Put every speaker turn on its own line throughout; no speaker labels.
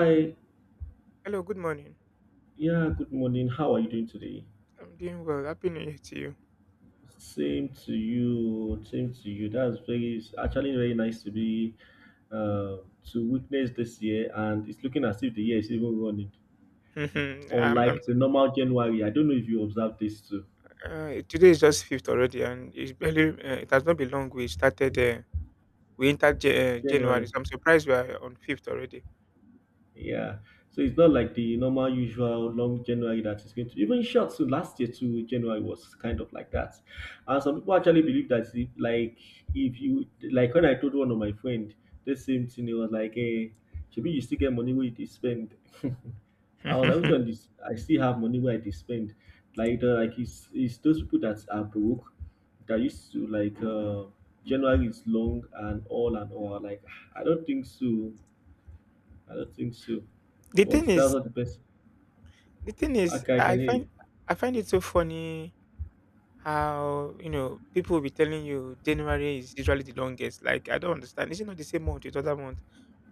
Hi,
Hello, good morning.
yeah, good morning. How are you doing today?
I'm doing well. Happy New Year to you.
Same to you, same to you. That's very, it's actually very nice to be uh, to witness this year, and it's looking as if the year is even running.
I'm, I'm,
Unlike the normal January, I don't know if you observed this too.
today is just fifth already, and it's barely. It has not been long. We started. We entered January.
January.
So I'm surprised we are on fifth already.
Yeah. So it's not like the normal, usual long January that is going to even short. So last year too, January was kind of like that. And some people actually believe that if, like if you like when I told one of my friend the same thing, he was like, "Hey, maybe you still get money where you dey spend." I was like, "Which
the
one? Is, I still have money where I dey spend." Like the, like it's those people that are broke that used to like January is long and all and all. Like I don't think so I don't think so. But
thing
that's
is,
not the best.
the thing is,
Okay, I can hear you.
I find it so funny how people will be telling you January is usually the longest. Like I don't understand. Is it not the same month with other month?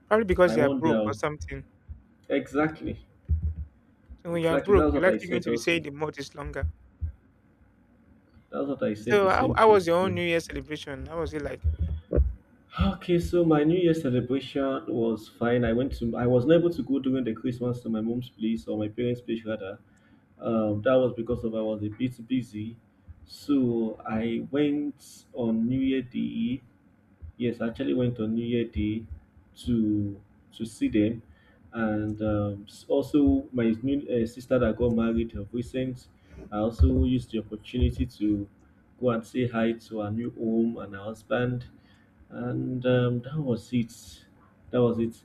Probably because
I
they are broke or
wonder.
something.
Exactly.
So when you are
Exactly.
broke,
That's
you're
what I
likely going
said
to be saying
also.
the month is longer.
That's what I said.
So
The
how
same
how
thing
was your own
too.
New Year celebration? How was it like?
Okay, so my New Year celebration was fine. I went to. I was not able to go during the Christmas to my mom's place or my parents' place rather. That was because of I was a bit busy. So I went on New Year Day. Yes, I actually went on New Year Day to to see them, and also my new sister that got married of recent. I also used the opportunity to go and say hi to her new home and her husband, and that was it. That was it.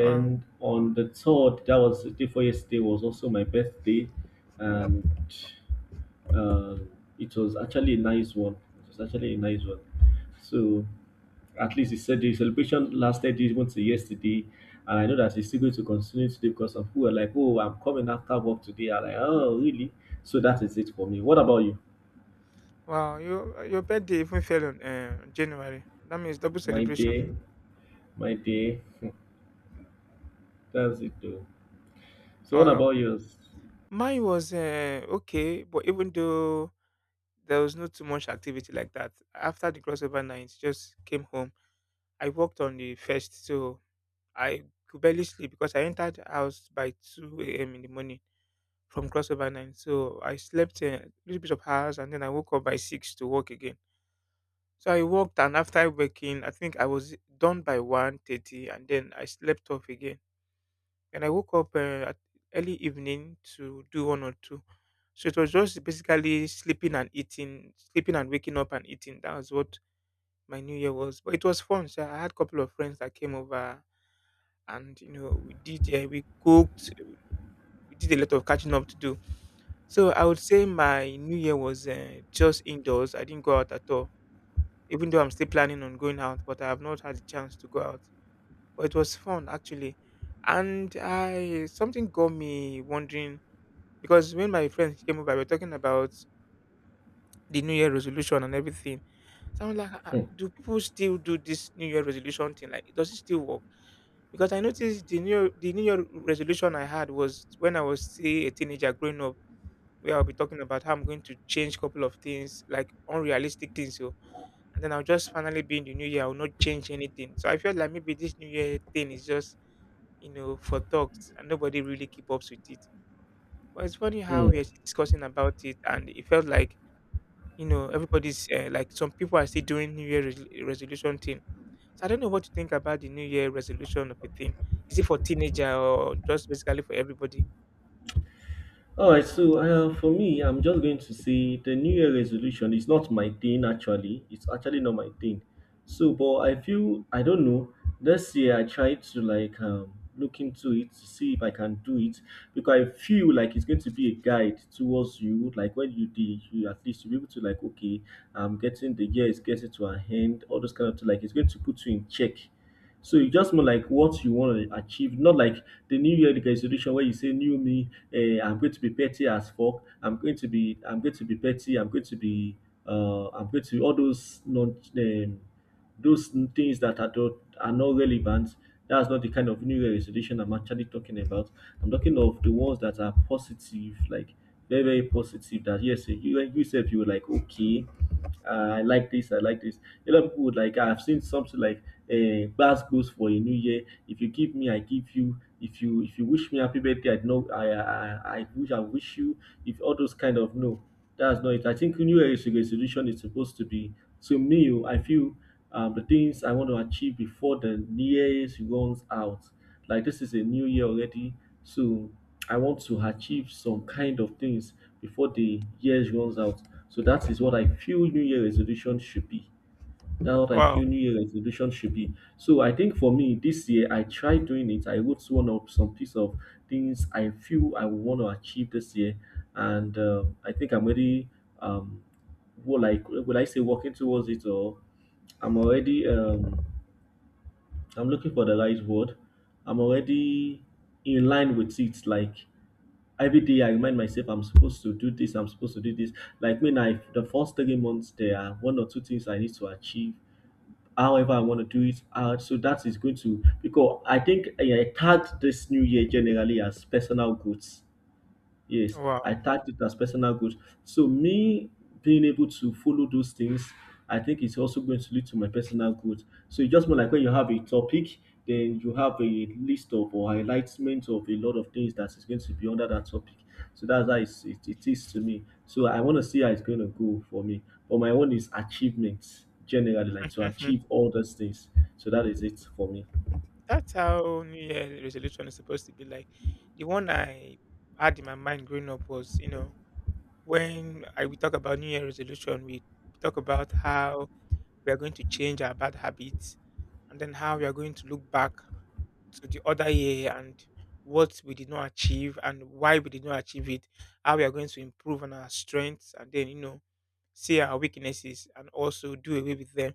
Wow,
on the third, that was the day before yesterday, was also my birthday, and uh, it was actually a nice one. It was actually a nice one. So at least he said the celebration lasted even to yesterday, and I know that he's still going to continue today because some people are like, "Oh, I'm coming after work today." I'm like, "Oh, really?" So that is it for me. What about you?
wow, your birthday even fell on January. That means double
My
celebration.
day, my day. That's it though. So what
Wow,
about yours?
mine was okay, but even though there was not too much activity like that after the crossover night, just came home. I worked on the first, so I could barely sleep because I entered the house by 2 a.m. in the morning from crossover night. So I slept a little bit of hours, and then I woke up by six to work again. So I worked, and after working, I think I was done by 1:30, and then I slept off again. And I woke up at early evening to do one or two. So it was just basically sleeping and eating, sleeping and waking up and eating. That was what my New Year was. But it was fun. So I had a couple of friends that came over, and we we cooked, we did a lot of catching up to do. So I would say my New Year was just indoors. I didn't go out at all. Even though I'm still planning on going out, but I have not had the chance to go out. But it was fun actually, and I something got me wondering because when my friends came over, we were talking about the New Year resolution and everything. So I'm like, "Ah, ah,
Hmm.
do people still do this New Year resolution thing? Like, does it still work? Because I noticed the New Year resolution I had was when I was still a teenager growing up, where I'll be talking about how I'm going to change a couple of things, like unrealistic things. So and then I'll just finally be in the new year. I will not change anything. So I felt like maybe this new year thing is just for talks and nobody really keep up with it. But it's funny how
Hmm.
we are discussing about it and it felt like everybody's like some people are still doing new year resolution thing. So I don't know what you think about the new year resolution of a thing. Is it for teenager or just basically for everybody?"
All right, so for me, I'm just going to say the New Year resolution is not my thing actually. It's actually not my thing. So, but I feel I don't know. This year, I tried to like look into it to see if I can do it because I feel like it's going to be a guide towards you. Like when you did, you at least you'll be able to like okay, I'm getting the year is getting to an end. All those kind of thing. Like it's going to put you in check. So you just more like what you want to achieve, not like the New Year resolution where you say new me, eh, I'm going to be petty as fuck. I'm going to be petty. I'm going to be I'm going to be all those non those things that are not relevant. That's not the kind of new Year resolution I'm actually talking about. I'm talking of the ones that are positive, like very very positive. That yes, you yourself you were like okay. I like this, I like this. A lot of people would like, I've seen something like a glass goes for a new year. If you give me, I give you. If you if you wish me happy birthday, I know I wish I wish you. If all those kind of no, that's not it. I think New Year is a resolution is supposed to be to me. Oh, I feel the things I want to achieve before the nearest runs out. Like this is a new year already, so I want to achieve some kind of things before the year runs out. So that is what I feel new year resolution should be. That's what I feel
Wow.
new year resolution should be. So I think for me this year I tried doing it. I wrote one of some piece of things I feel I want to achieve this year, and I think I'm already um well, like, will I say working towards it, or I'm already I'm looking for the right word. I'm already in line with it. Like every day, I remind myself I'm supposed to do this. I'm supposed to do this. Like when I the first three months, there are one or two things I need to achieve. However, I want to do it. So that is going to because I think I tagged this new year generally as personal goods. Yes,
Wow.
I tagged it as personal goals. So me being able to follow those things, I think it's also going to lead to my personal goals. So it's just more like when you have a topic, then you have a list of or highlights of a lot of things that is going to be under that topic. So that's how it is to me. So I want to see how it's going to go for me. But my own is achievements generally, like to
Hmm.
achieve all those things. So that is it for me.
That's how new year resolution is supposed to be like. The one I had in my mind growing up was, when I we talk about New Year resolution, we talk about how we are going to change our bad habits and then how we are going to look back to the other year and what we did not achieve and why we did not achieve it, how we are going to improve on our strengths and then see our weaknesses and also do away with them.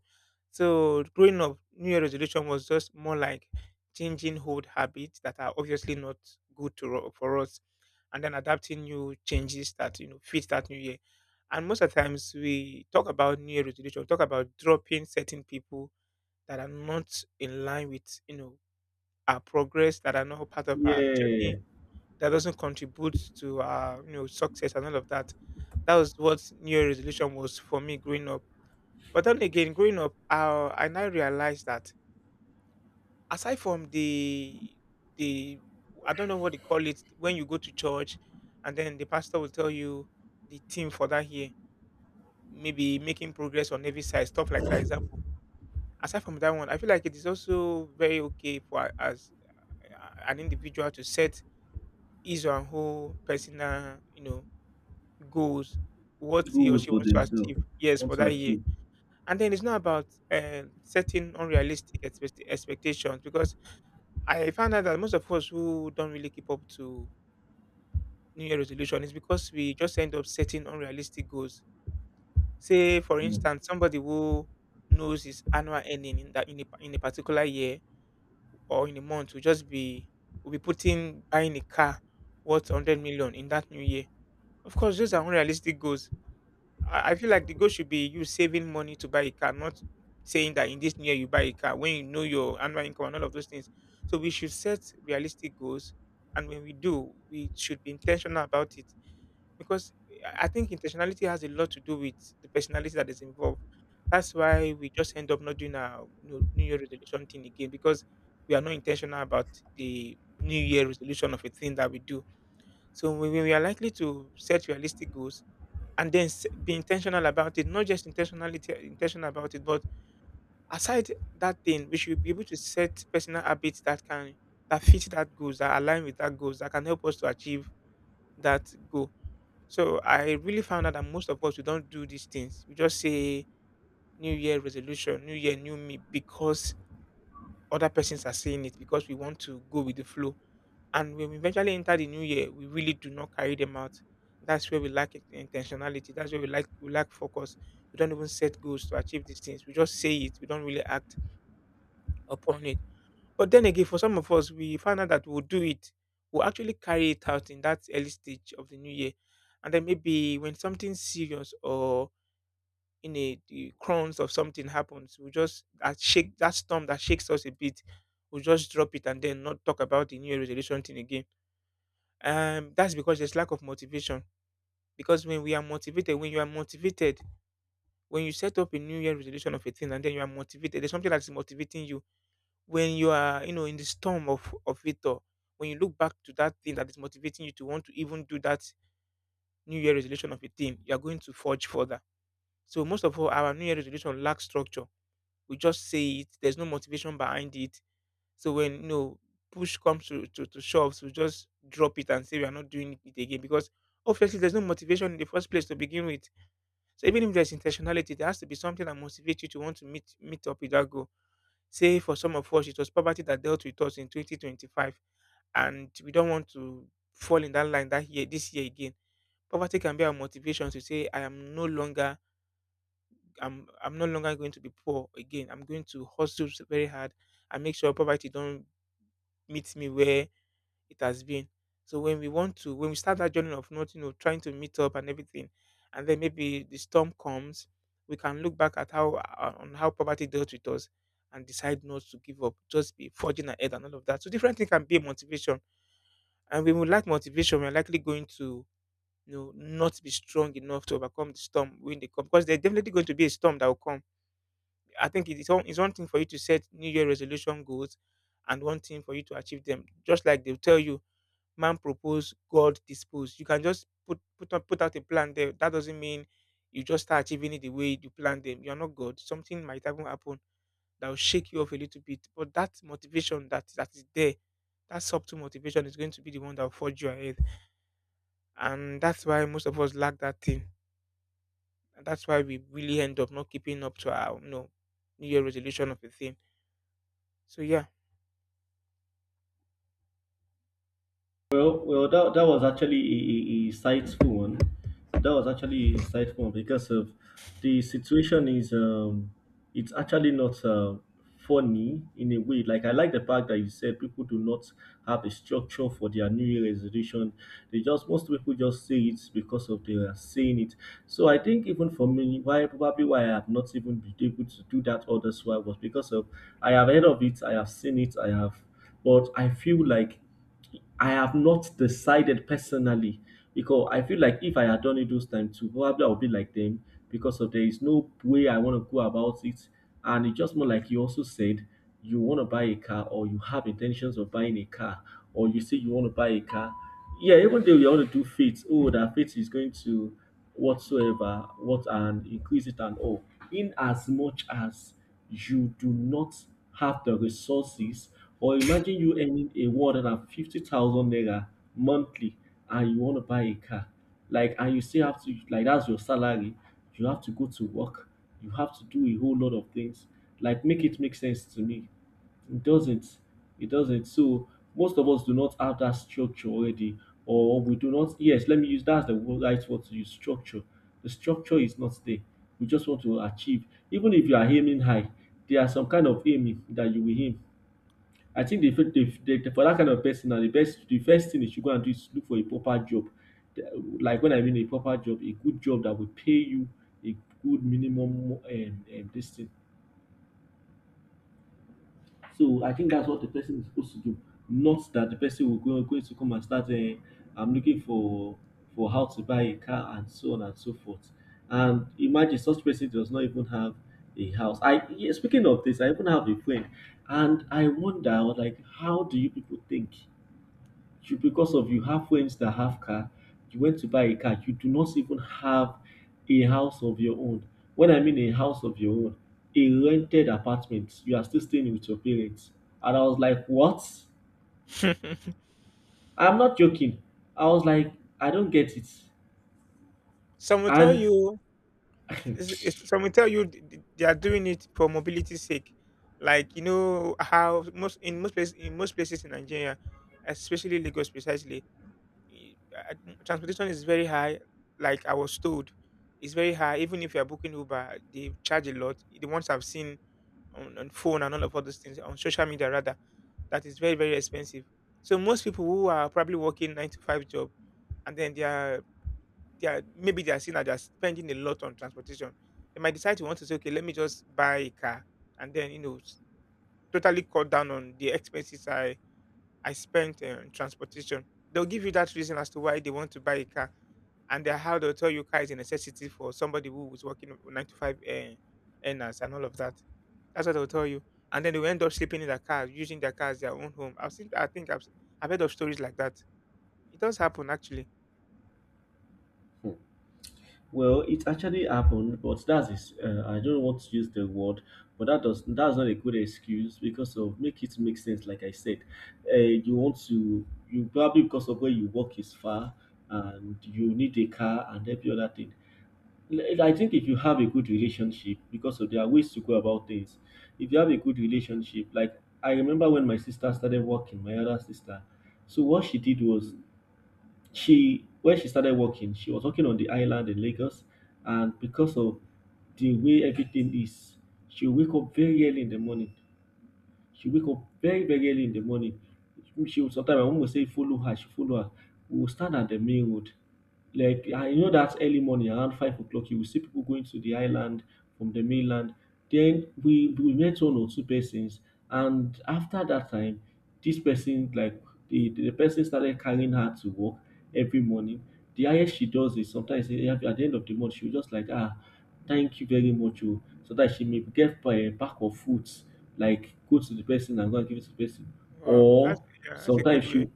So growing up, New Year resolution was just more like changing old habits that are obviously not good for us and then adapting new changes that fit that new year. And most of the times we talk about new year resolution, we talk about dropping certain people that are not in line with our progress, that are not part of our
Yeah,
journey, that doesn't contribute to our success and all of that. That was what new year resolution was for me growing up. But then again, growing up, I now realized that aside from the I don't know what they call it, when you go to church and then the pastor will tell you the theme for that year, maybe making progress on every side, stuff like that. Example. Aside from that one, I feel like it is also very okay for as an individual to set his or her whole personal goals, what he or
goals
she
for
wants to
themselves,
achieve, yes,
want
for
to
that year.
achieve.
And then it's not about setting unrealistic expectations because I found out that most of us who don't really keep up to New Year resolution is because we just end up setting unrealistic goals. Say, for
Mm.
instance, somebody who knows his annual earning in that in a particular year or in a month will just be will be putting buying a car worth 100 million in that new year. Of course, those are unrealistic goals. I feel like the goal should be you saving money to buy a car, not saying that in this year you buy a car when you know your annual income and all of those things. So we should set realistic goals, and when we do, we should be intentional about it because I think intentionality has a lot to do with the personality that is involved. That's why we just end up not doing our New Year resolution thing again because we are not intentional about the New Year resolution of a thing that we do. So when we are likely to set realistic goals and then be intentional about it, not just intentionality intentional about it, but aside that thing we should be able to set personal habits that can that fit that goals that align with that goals that can help us to achieve that goal. So I really found out that most of us, we don't do these things. We just say new year resolution, new year, new me, because other persons are saying it, because we want to go with the flow, and when we eventually enter the new year, we really do not carry them out. That's where we lack intentionality. That's where we lack focus. We don't even set goals to achieve these things. We just say it. We don't really act upon it. But then again, for some of us, we find out that we'll do it. We'll actually carry it out in that early stage of the new year. And then maybe when something serious or in a the crowns of something happens, we just that storm that shakes us a bit, we'll just drop it and then not talk about the new year resolution thing again. That's because there's lack of motivation, because when we are motivated, when you are motivated, when you set up a new year resolution of a thing and then you are motivated, there's something that's motivating you. When you are in the storm of it all, when you look back to that thing that is motivating you to want to even do that new year resolution of a thing, you are going to forge further. So most of all our new year resolution lacks structure. We just say it, there's no motivation behind it. So when push comes to shoves, we just drop it and say we are not doing it again because obviously there's no motivation in the first place to begin with. So even if there's intentionality, there has to be something that motivates you to want to meet up with that goal. Say for some of us, it was poverty that dealt with us in 2025, and we don't want to fall in that line that year this year again. Poverty can be our motivation to say, "I am no longer going to be poor again. I'm going to hustle very hard and make sure poverty don't meet me where it has been." So when we want to, when we start that journey of not trying to meet up and everything, and then maybe the storm comes, we can look back at how on how poverty dealt with us and decide not to give up, just be forging ahead and all of that. So different thing can be a motivation, and when we lack motivation, we are likely going to not be strong enough to overcome the storm when they come because there's definitely going to be a storm that will come. I think it is it's one thing for you to set New Year resolution goals and one thing for you to achieve them. Just like they'll tell you, man propose, God dispose. You can just put out a plan there. That doesn't mean you just start achieving it the way you plan them. You're not God. Something might even happen that will shake you off a little bit. But that motivation that is there, that subtle motivation is going to be the one that will forge you ahead. And that's why most of us lack that thing. And that's why we really end up not keeping up to our New Year resolution of a thing. So yeah.
Well, well, that was actually a insightful one. That was actually insightful one because of the situation is it's actually not funny in a way. Like I like the fact that you said people do not have a structure for their New Year resolution. They just most people just say it because of they are saying it. So I think even for me, why probably why I have not even been able to do that all this while was because of I have heard of it, I have seen it, I have, but I feel like I have not decided personally because I feel like if I had done it those times too, probably I would be like them because of there is no way I want to go about it. And it's just more like you also said, you want to buy a car or you have intentions of buying a car or you say you want to buy a car, yeah, even though you want to do faith, oh that faith is going to whatsoever what and increase it and all, in as much as you do not have the resources, or imagine you earning a 150,000 naira monthly and you want to buy a car. Like and you still have to like that's your salary, you have to go to work, you have to do a whole lot of things. Like make it make sense to me. It doesn't. It doesn't. So most of us do not have that structure already, or we do not. Yes, let me use that's the right word to use structure. The structure is not there. We just want to achieve. Even if you are aiming high, there are some kind of aiming that you will aim. I think the for that kind of person, now the first thing they should go and do is look for a proper job. Like when I mean a proper job, a good job that will pay you a good minimum this thing. So I think that's what the person is supposed to do. Not that the person will go going to come and start. I'm looking for how to buy a car and so on and so forth. And imagine such person does not even have a house. I yeah, speaking of this, I even have a friend, and I wonder I was like, how do you people think? You because of you have friends that have car, you went to buy a car, you do not even have a house of your own. When I mean a house of your own, a rented apartment, you are still staying with your parents. And I was like, what? I'm not joking. I was like, I don't get it.
Some will tell
And
you some will tell you they are doing it for mobility's sake. Like you know how most in most places in most places in Nigeria, especially Lagos precisely, e- uh, transportation is very high. Like I was told, it's very high. Even if you are booking Uber, they charge a lot. The ones I've seen on phone and all those things on social media rather, that is very very expensive. So most people who are probably working nine to five job, and then they are maybe they are seeing that they are spending a lot on transportation. They might decide to want to say, okay, let me just buy a car, and then you know totally cut down on the expenses I spent on transportation. They'll give you that reason as to why they want to buy a car, and then how they'll tell you car is a necessity for somebody who is working nine to five earners and all of that. That's what they'll tell you, and then they will end up sleeping in their car, using their car as their own home. I think I've heard of stories like that. It does happen actually.
well, it actually happened, but I don't want to use the word, but that's not a good excuse because of make it make sense. Like I said, you want to you probably because of where you work is far and you need a car and every other thing. Like, I think if you have a good relationship, because of there are ways to go about things. If you have a good relationship, like I remember when my sister started working, my other sister. So what she did was she when she started working, she was working on the island in Lagos, and because of the way everything is, she wake up very early in the morning she wake up very very early in the morning. She will sometimes my mum will say follow her, she follow her. We will stand at the main road. Like I know that early morning around 5 o'clock, you will see people going to the island from the mainland. Then we met one or two persons, and after that time, this person like the person started carrying her to work every morning. The highest she does is sometimes at the end of the month she will just like ah thank you very much o so that she may get back of fruits like go to the person and go and give it to the person
Wow, that's
or
yeah, that's a good
sometimes
way.
she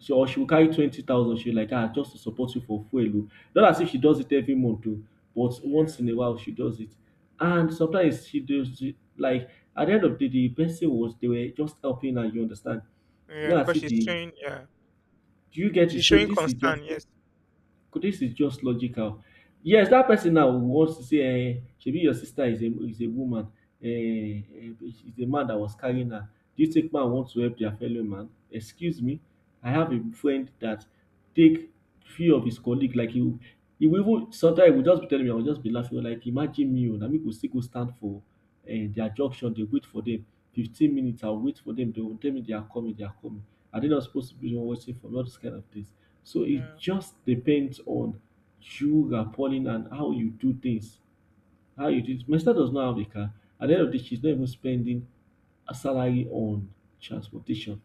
she or she will carry 20,000 she like ah just to support you for fuel o, not as if she does it every month o, but once
Yeah.
in a while she does it. And sometimes she does it like at the end of the day, the person was they were just helping her, you understand,
Yeah,
not as
because
if
she's
they
showing yeah.
do you get it.
She's
So
showing
this is just,
concern, yes.
this is just logical. Yes, that person now wants to say, eh, maybe your sister is a woman, eh, is a man that was carrying her. Do you think man wants to help their fellow man? Excuse me, I have a friend that take few of his colleague like. He will even sometimes he will just be telling me, I will just be laughing like imagine me, oh, na me go still go stand for their junction, dey wait for them. 15 minutes, I'll wait for them. They will tell me they are coming, they are coming. Are they not supposed to be the one waiting for me? All those kind of things. So it
Yeah.
just depends on you, Napoleon, and how you do things. How you do. My sister does not have a car. At the end of the day, she's not even spending a salary on transportation.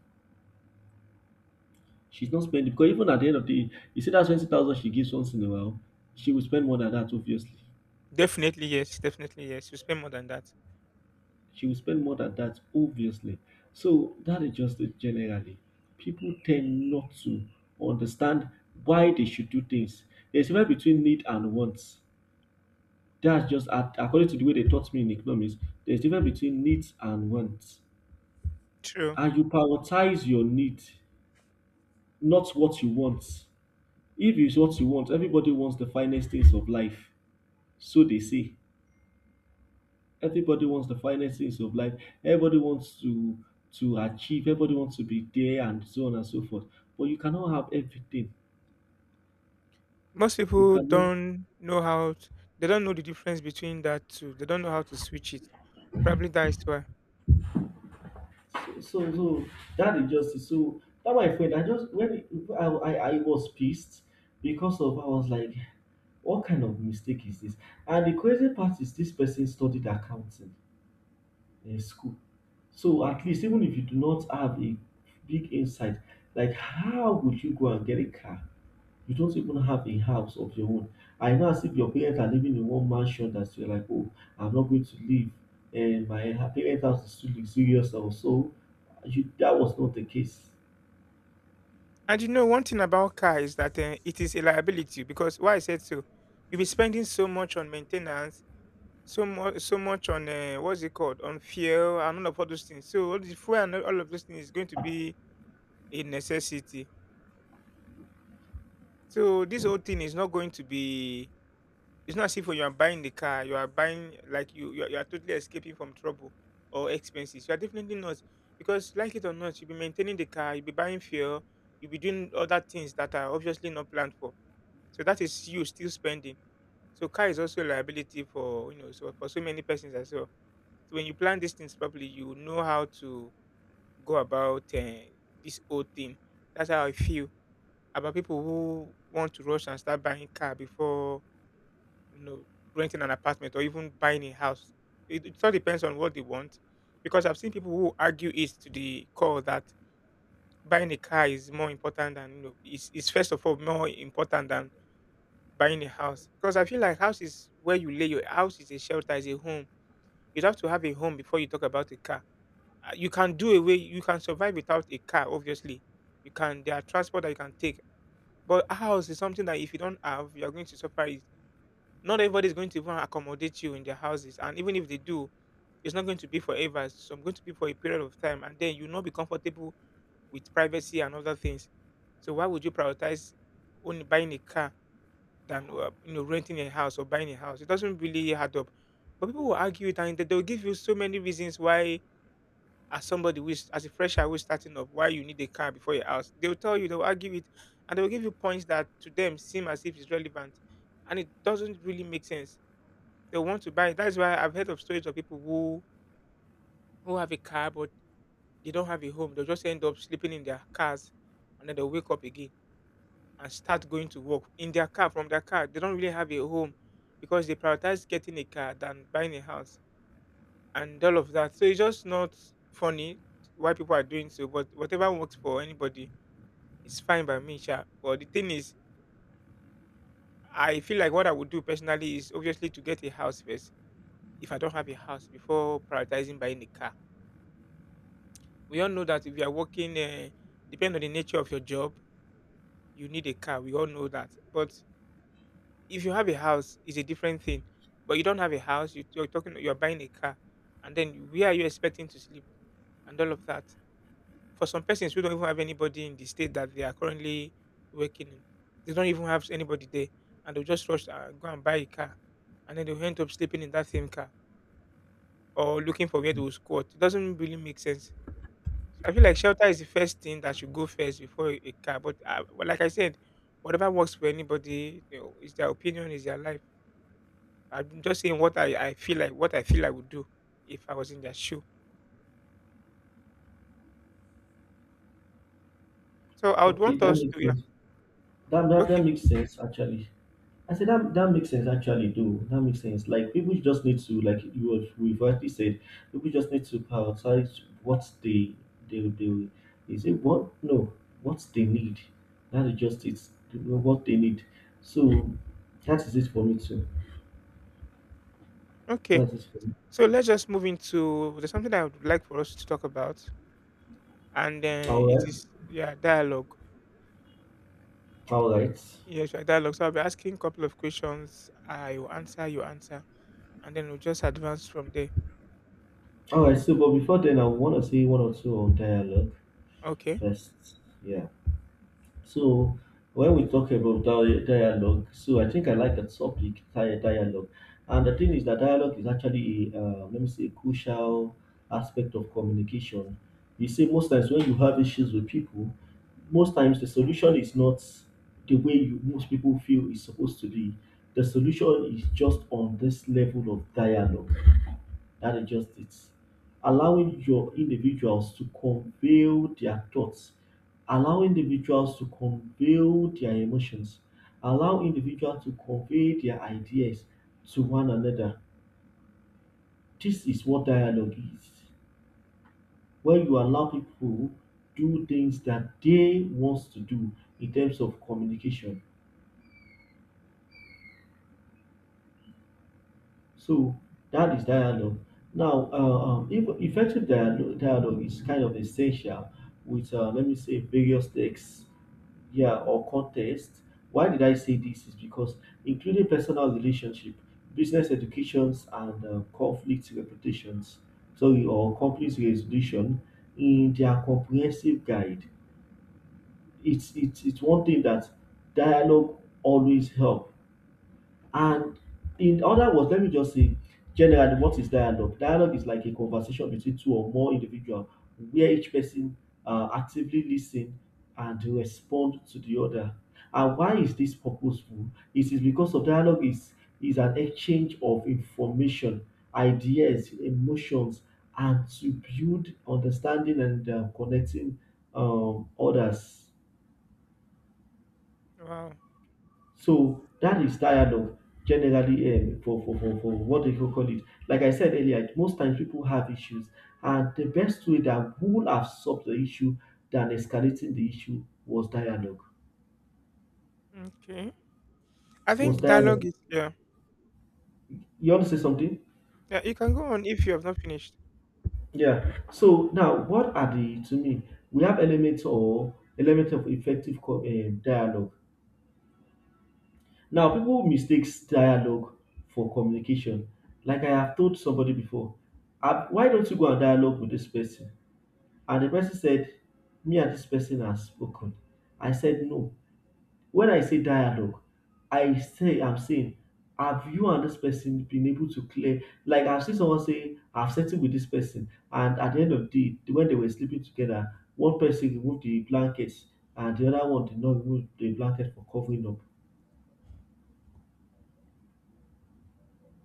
She's not spending because even at the end of the day, you see that 20,000 she gives once in a while, she will spend more than that obviously.
Definitely yes, definitely yes. You spend more than that.
She will spend more than that obviously. So that is just it generally. People tend not to understand why they should do things. There's a difference between need and wants. That's just ac according to the way they taught me in economics, there's difference between needs and wants,
True.
and you prioritize your need, not what you want. If it's what you want, everybody wants the finest things of life, so they say. Everybody wants the finest things of life. Everybody wants to achieve. Everybody wants to be there, and so on and so forth. But you cannot have everything.
Most
You
people
cannot,
don't know how t they don't know the difference between that two. They don't know how to switch it. Probably that is why.
so that injustice. So that my friend, I just when I was pissed because of I was like, what kind of mistake is this? And the crazy part is this person studied accounting in school. So at least even if you do not have a big insight, like how would you go and get a car? You don't even have a house of your own. And it's not as if your parents are living in one mansion that you're like, oh, I'm not going to leave. And my parents' house is too luxurious. Also, you, that was not the case.
And you know, one thing about car is that it is a liability because why I said so. You'll be spending so much on maintenance, so much, so much on what's it called, on fuel and all those things. So all the fuel and all of those things is going to be a necessity. So this whole thing is not going to be. It's not as if when you are buying the car, you are buying like you you are totally escaping from trouble or expenses. You are definitely not, because like it or not, you'll be maintaining the car, you'll be buying fuel, you'll be doing other things that are obviously not planned for. So that is you still spending. So car is also a liability for you know so for so many persons as well. So when you plan these things properly, you know how to go about this whole thing. That's how I feel about people who want to rush and start buying car before you know renting an apartment or even buying a house. It all depends on what they want, because I've seen people who argue it to the core that buying a car is more important than you know is first of all more important than buying a house. Because I feel like house is where you lay your house is a shelter is a home. You'd have to have a home before you talk about a car. You can do away. You can survive without a car. Obviously, you can. There are transport that you can take. But a house is something that if you don't have, you're going to suffer it. Not everybody is going to even accommodate you in their houses. And even if they do, it's not going to be forever. So I'm going to be for a period of time. And then you'll not be comfortable with privacy and other things. So why would you prioritize only buying a car than you know renting a house or buying a house? It doesn't really add up. But people will argue it and they'll give you so many reasons why as somebody who is as a fresher who is starting up why you need a car before your house, they'll tell you, they'll argue it, and they'll give you points that to them seem as if it's relevant and it doesn't really make sense they want to buy it. That's why I've heard of stories of people who have a car but they don't have a home. They'll just end up sleeping in their cars, and then they'll wake up again and start going to work in their car, from their car. They don't really have a home because they prioritize getting a car than buying a house and all of that. So it's just not funny why people are doing so, but whatever works for anybody is fine by me, sure. But the thing is, I feel like what I would do personally is obviously to get a house first if I don't have a house before prioritizing buying a car. We all know that if you are working, depending on the nature of your job, you need a car. We all know that. But if you have a house, it's a different thing. But you don't have a house, you're talking, you're buying a car, and then where are you expecting to sleep and all of that? For some persons who don't even have anybody in the state that they are currently working in, they don't even have anybody there, and they'll just rush and go and buy a car, and then they'll end up sleeping in that same car or looking for where they will squat. It doesn't really make sense. I feel like shelter is the first thing that should go first before a car. But but like I said, whatever works for anybody, you know, is their opinion, is their life. I'm just saying what I feel like, what I feel I would do if I was in their shoe. So I would
Okay,
want
that
us
makes
to, yeah,
sense. That
okay,
makes sense, actually. I said that that makes sense actually though. That makes sense. Like people just need to, like you was we've rightly said, people just need to prioritize what they is it what no, what they need. That is just it. What they need. So that is it for me too.
okay.
That is it for me.
So let's just move into there's something I would like for us to talk about, and it
Alright.
is yeah dialogue.
Alright.
Yes, yeah, dialogue. So I'll be asking a couple of questions. I will answer, you answer, and then we'll just advance from there.
Alright, so but before then I wanna say one or two on dialogue
Okay.
first. Yeah. So when we talk about dialogue, so I think I like that subject, dialogue. And the thing is that dialogue is actually, a, let me say, a crucial aspect of communication. You see, most times when you have issues with people, most times the solution is not the way you, most people feel is supposed to be. The solution is just on this level of dialogue, that is just it. Allowing your individuals to convey their thoughts, allow individuals to convey their emotions, allow individuals to convey their ideas to one another. This is what dialogue is. When you allow people do things that they want to do in terms of communication. So that is dialogue. Now, effective dialogue, dialogue is kind of essential with, let me say, various texts yeah or context. Why did I say this is because including personal relationship, business educations and conflict reputations, sorry, or conflict resolution, in their comprehensive guide, it's it's one thing that dialogue always help. And in other words, let me just say generally, what is dialogue? Dialogue is like a conversation between two or more individuals where each person actively listen and respond to the other. And why is this purposeful? It is because of dialogue is an exchange of information, ideas, emotions, and to build understanding and connecting others.
Wow.
So that is tired of generally for what they call it. Like I said earlier, most times people have issues, and the best way that would have solved the issue than escalating the issue was dialogue.
Okay. I
Was
think dialogue
dialogue.
is yeah.
You want to say something?
Yeah, you can go on if you have not finished.
Yeah. So now, what are the to me? We have elements or element of effective dialogue. Now, people mistakes dialogue for communication. Like I have told somebody before, why don't you go and dialogue with this person? And the person said, me and this person have spoken. I said, no. When I say dialogue, I'm saying, have you and this person been able to clear? Like, I've seen someone say, I've settled with this person. And at the end of the day, when they were sleeping together, one person removed the blankets and the other one did not remove the blanket for covering up.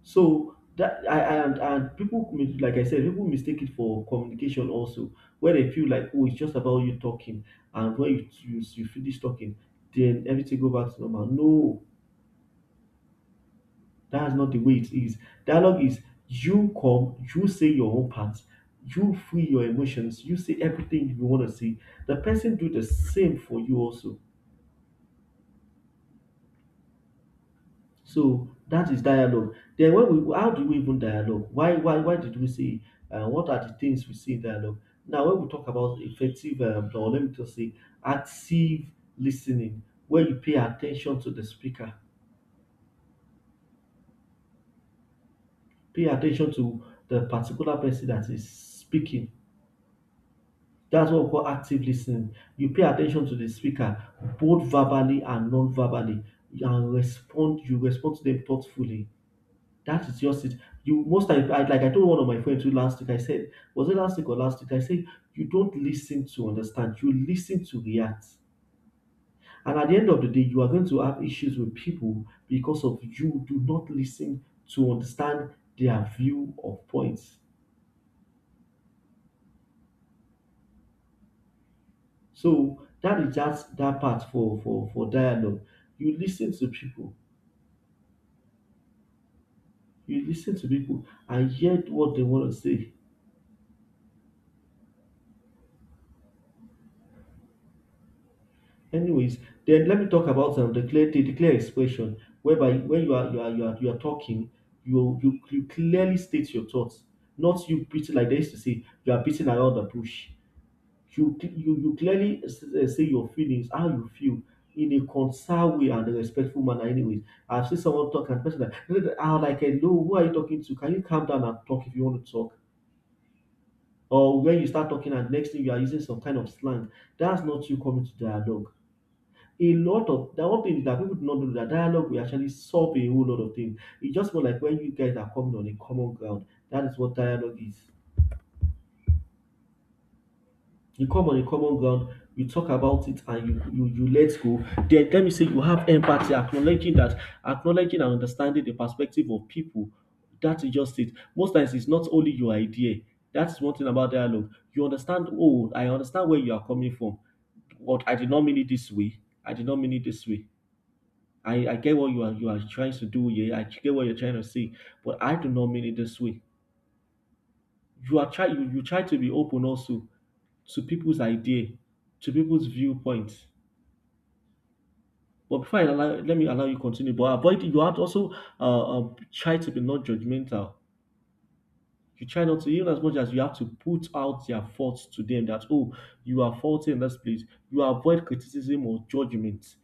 So that I- and people like I said, people mistake it for communication also, where they feel like oh it's just about you talking, and when you finish talking, then everything go back to normal. No, that's not the way it is. Dialogue is you come, you say your own part, you feel your emotions, you say everything you want to say. The person do the same for you also. So that is dialogue. Then when we how do we even dialogue? Why did we say what are the things we say in dialogue? Now when we talk about effective or let me just say active listening, where you pay attention to the speaker, pay attention to the particular person that is speaking. That's what we call active listening. You pay attention to the speaker both verbally and non-verbally and respond, you respond to them thoughtfully. That is just it. You most time, I, like I told one of my friends who last week, I said, was it last week or last week? I said, you don't listen to understand, you listen to react. And at the end of the day, you are going to have issues with people because of you do not listen to understand their view of points. So that is just that part for for dialogue. You listen to people, you listen to people and hear what they want to say. Anyways, then let me talk about the clear the clear expression, whereby when you are talking, you clearly state your thoughts, not you beating like they used to say, you are beating around the bush. You clearly say your feelings, how you feel, in a concise way and a respectful manner. Anyways, I've seen someone talk and person that I'm like, hello, who are you talking to? Can you calm down and talk if you want to talk? Or when you start talking and next thing you are using some kind of slang, that's not you coming to dialogue. A lot of that one thing that people do not do that dialogue will actually solve a whole lot of things. It's just more like when you guys are coming on a common ground. That is what dialogue is. You come on a common ground, you talk about it, and you let go. Then let me say you have empathy, acknowledging that, acknowledging and understanding the perspective of people. That is just it. Most times it's not only your idea. That's one thing about dialogue. You understand. Oh, I understand where you are coming from. But I did not mean it this way. I did not mean it this way. I get what you are trying to do here. I get what you're trying to say, but I do not mean it this way. You try to be open also to people's idea, to people's viewpoint. But before I allow, let me allow you continue. But avoid you have to also try to be not judgmental. You try not to, even as much as you have to put out their faults to them that oh you are faulty in this place. You avoid criticism or judgment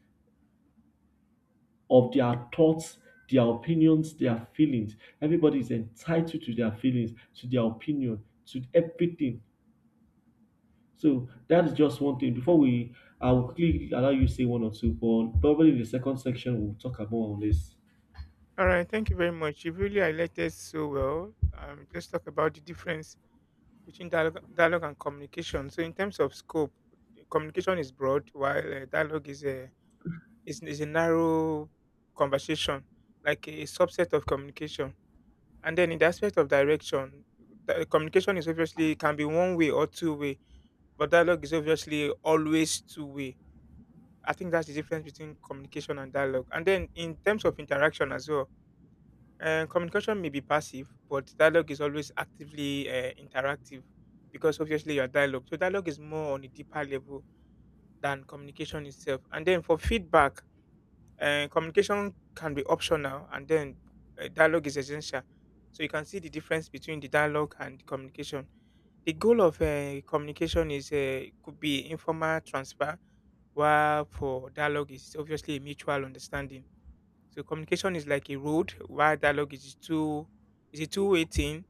of their thoughts, their opinions, their feelings. Everybody is entitled to their feelings, to their opinion, to everything. So that is just one thing. Before we, I will quickly allow you to say one or two, but probably in the second section we'll talk about on this.
All right. Thank you very much. You really highlighted so well. Just talk about the difference between dialogue and communication. So in terms of scope, communication is broad, while dialogue is a It's, a narrow conversation, like a subset of communication. And then in the aspect of direction, the communication is obviously can be one way or two way, but dialogue is obviously always two way. I think that's the difference between communication and dialogue. And then in terms of interaction as well, communication may be passive, but dialogue is always actively interactive because obviously you're dialogue. So dialogue is more on a deeper level than communication itself. And then for feedback, communication can be optional, and then dialogue is essential. So you can see the difference between the dialogue and communication. The goal of communication is could be informal transfer, while for dialogue is obviously a mutual understanding. So communication is like a road, while dialogue is two is a two-way thing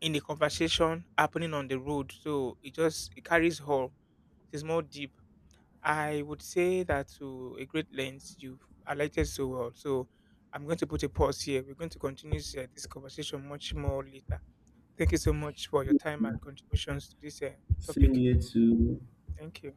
in the conversation happening on the road. So it just it carries all. It's more deep. I would say that to a great length you've highlighted so well. So I'm going to put a pause here. We're going to continue this conversation much more later. Thank you so much for your time and
Yeah.
contributions to this
Same
topic.
here too.
Thank you.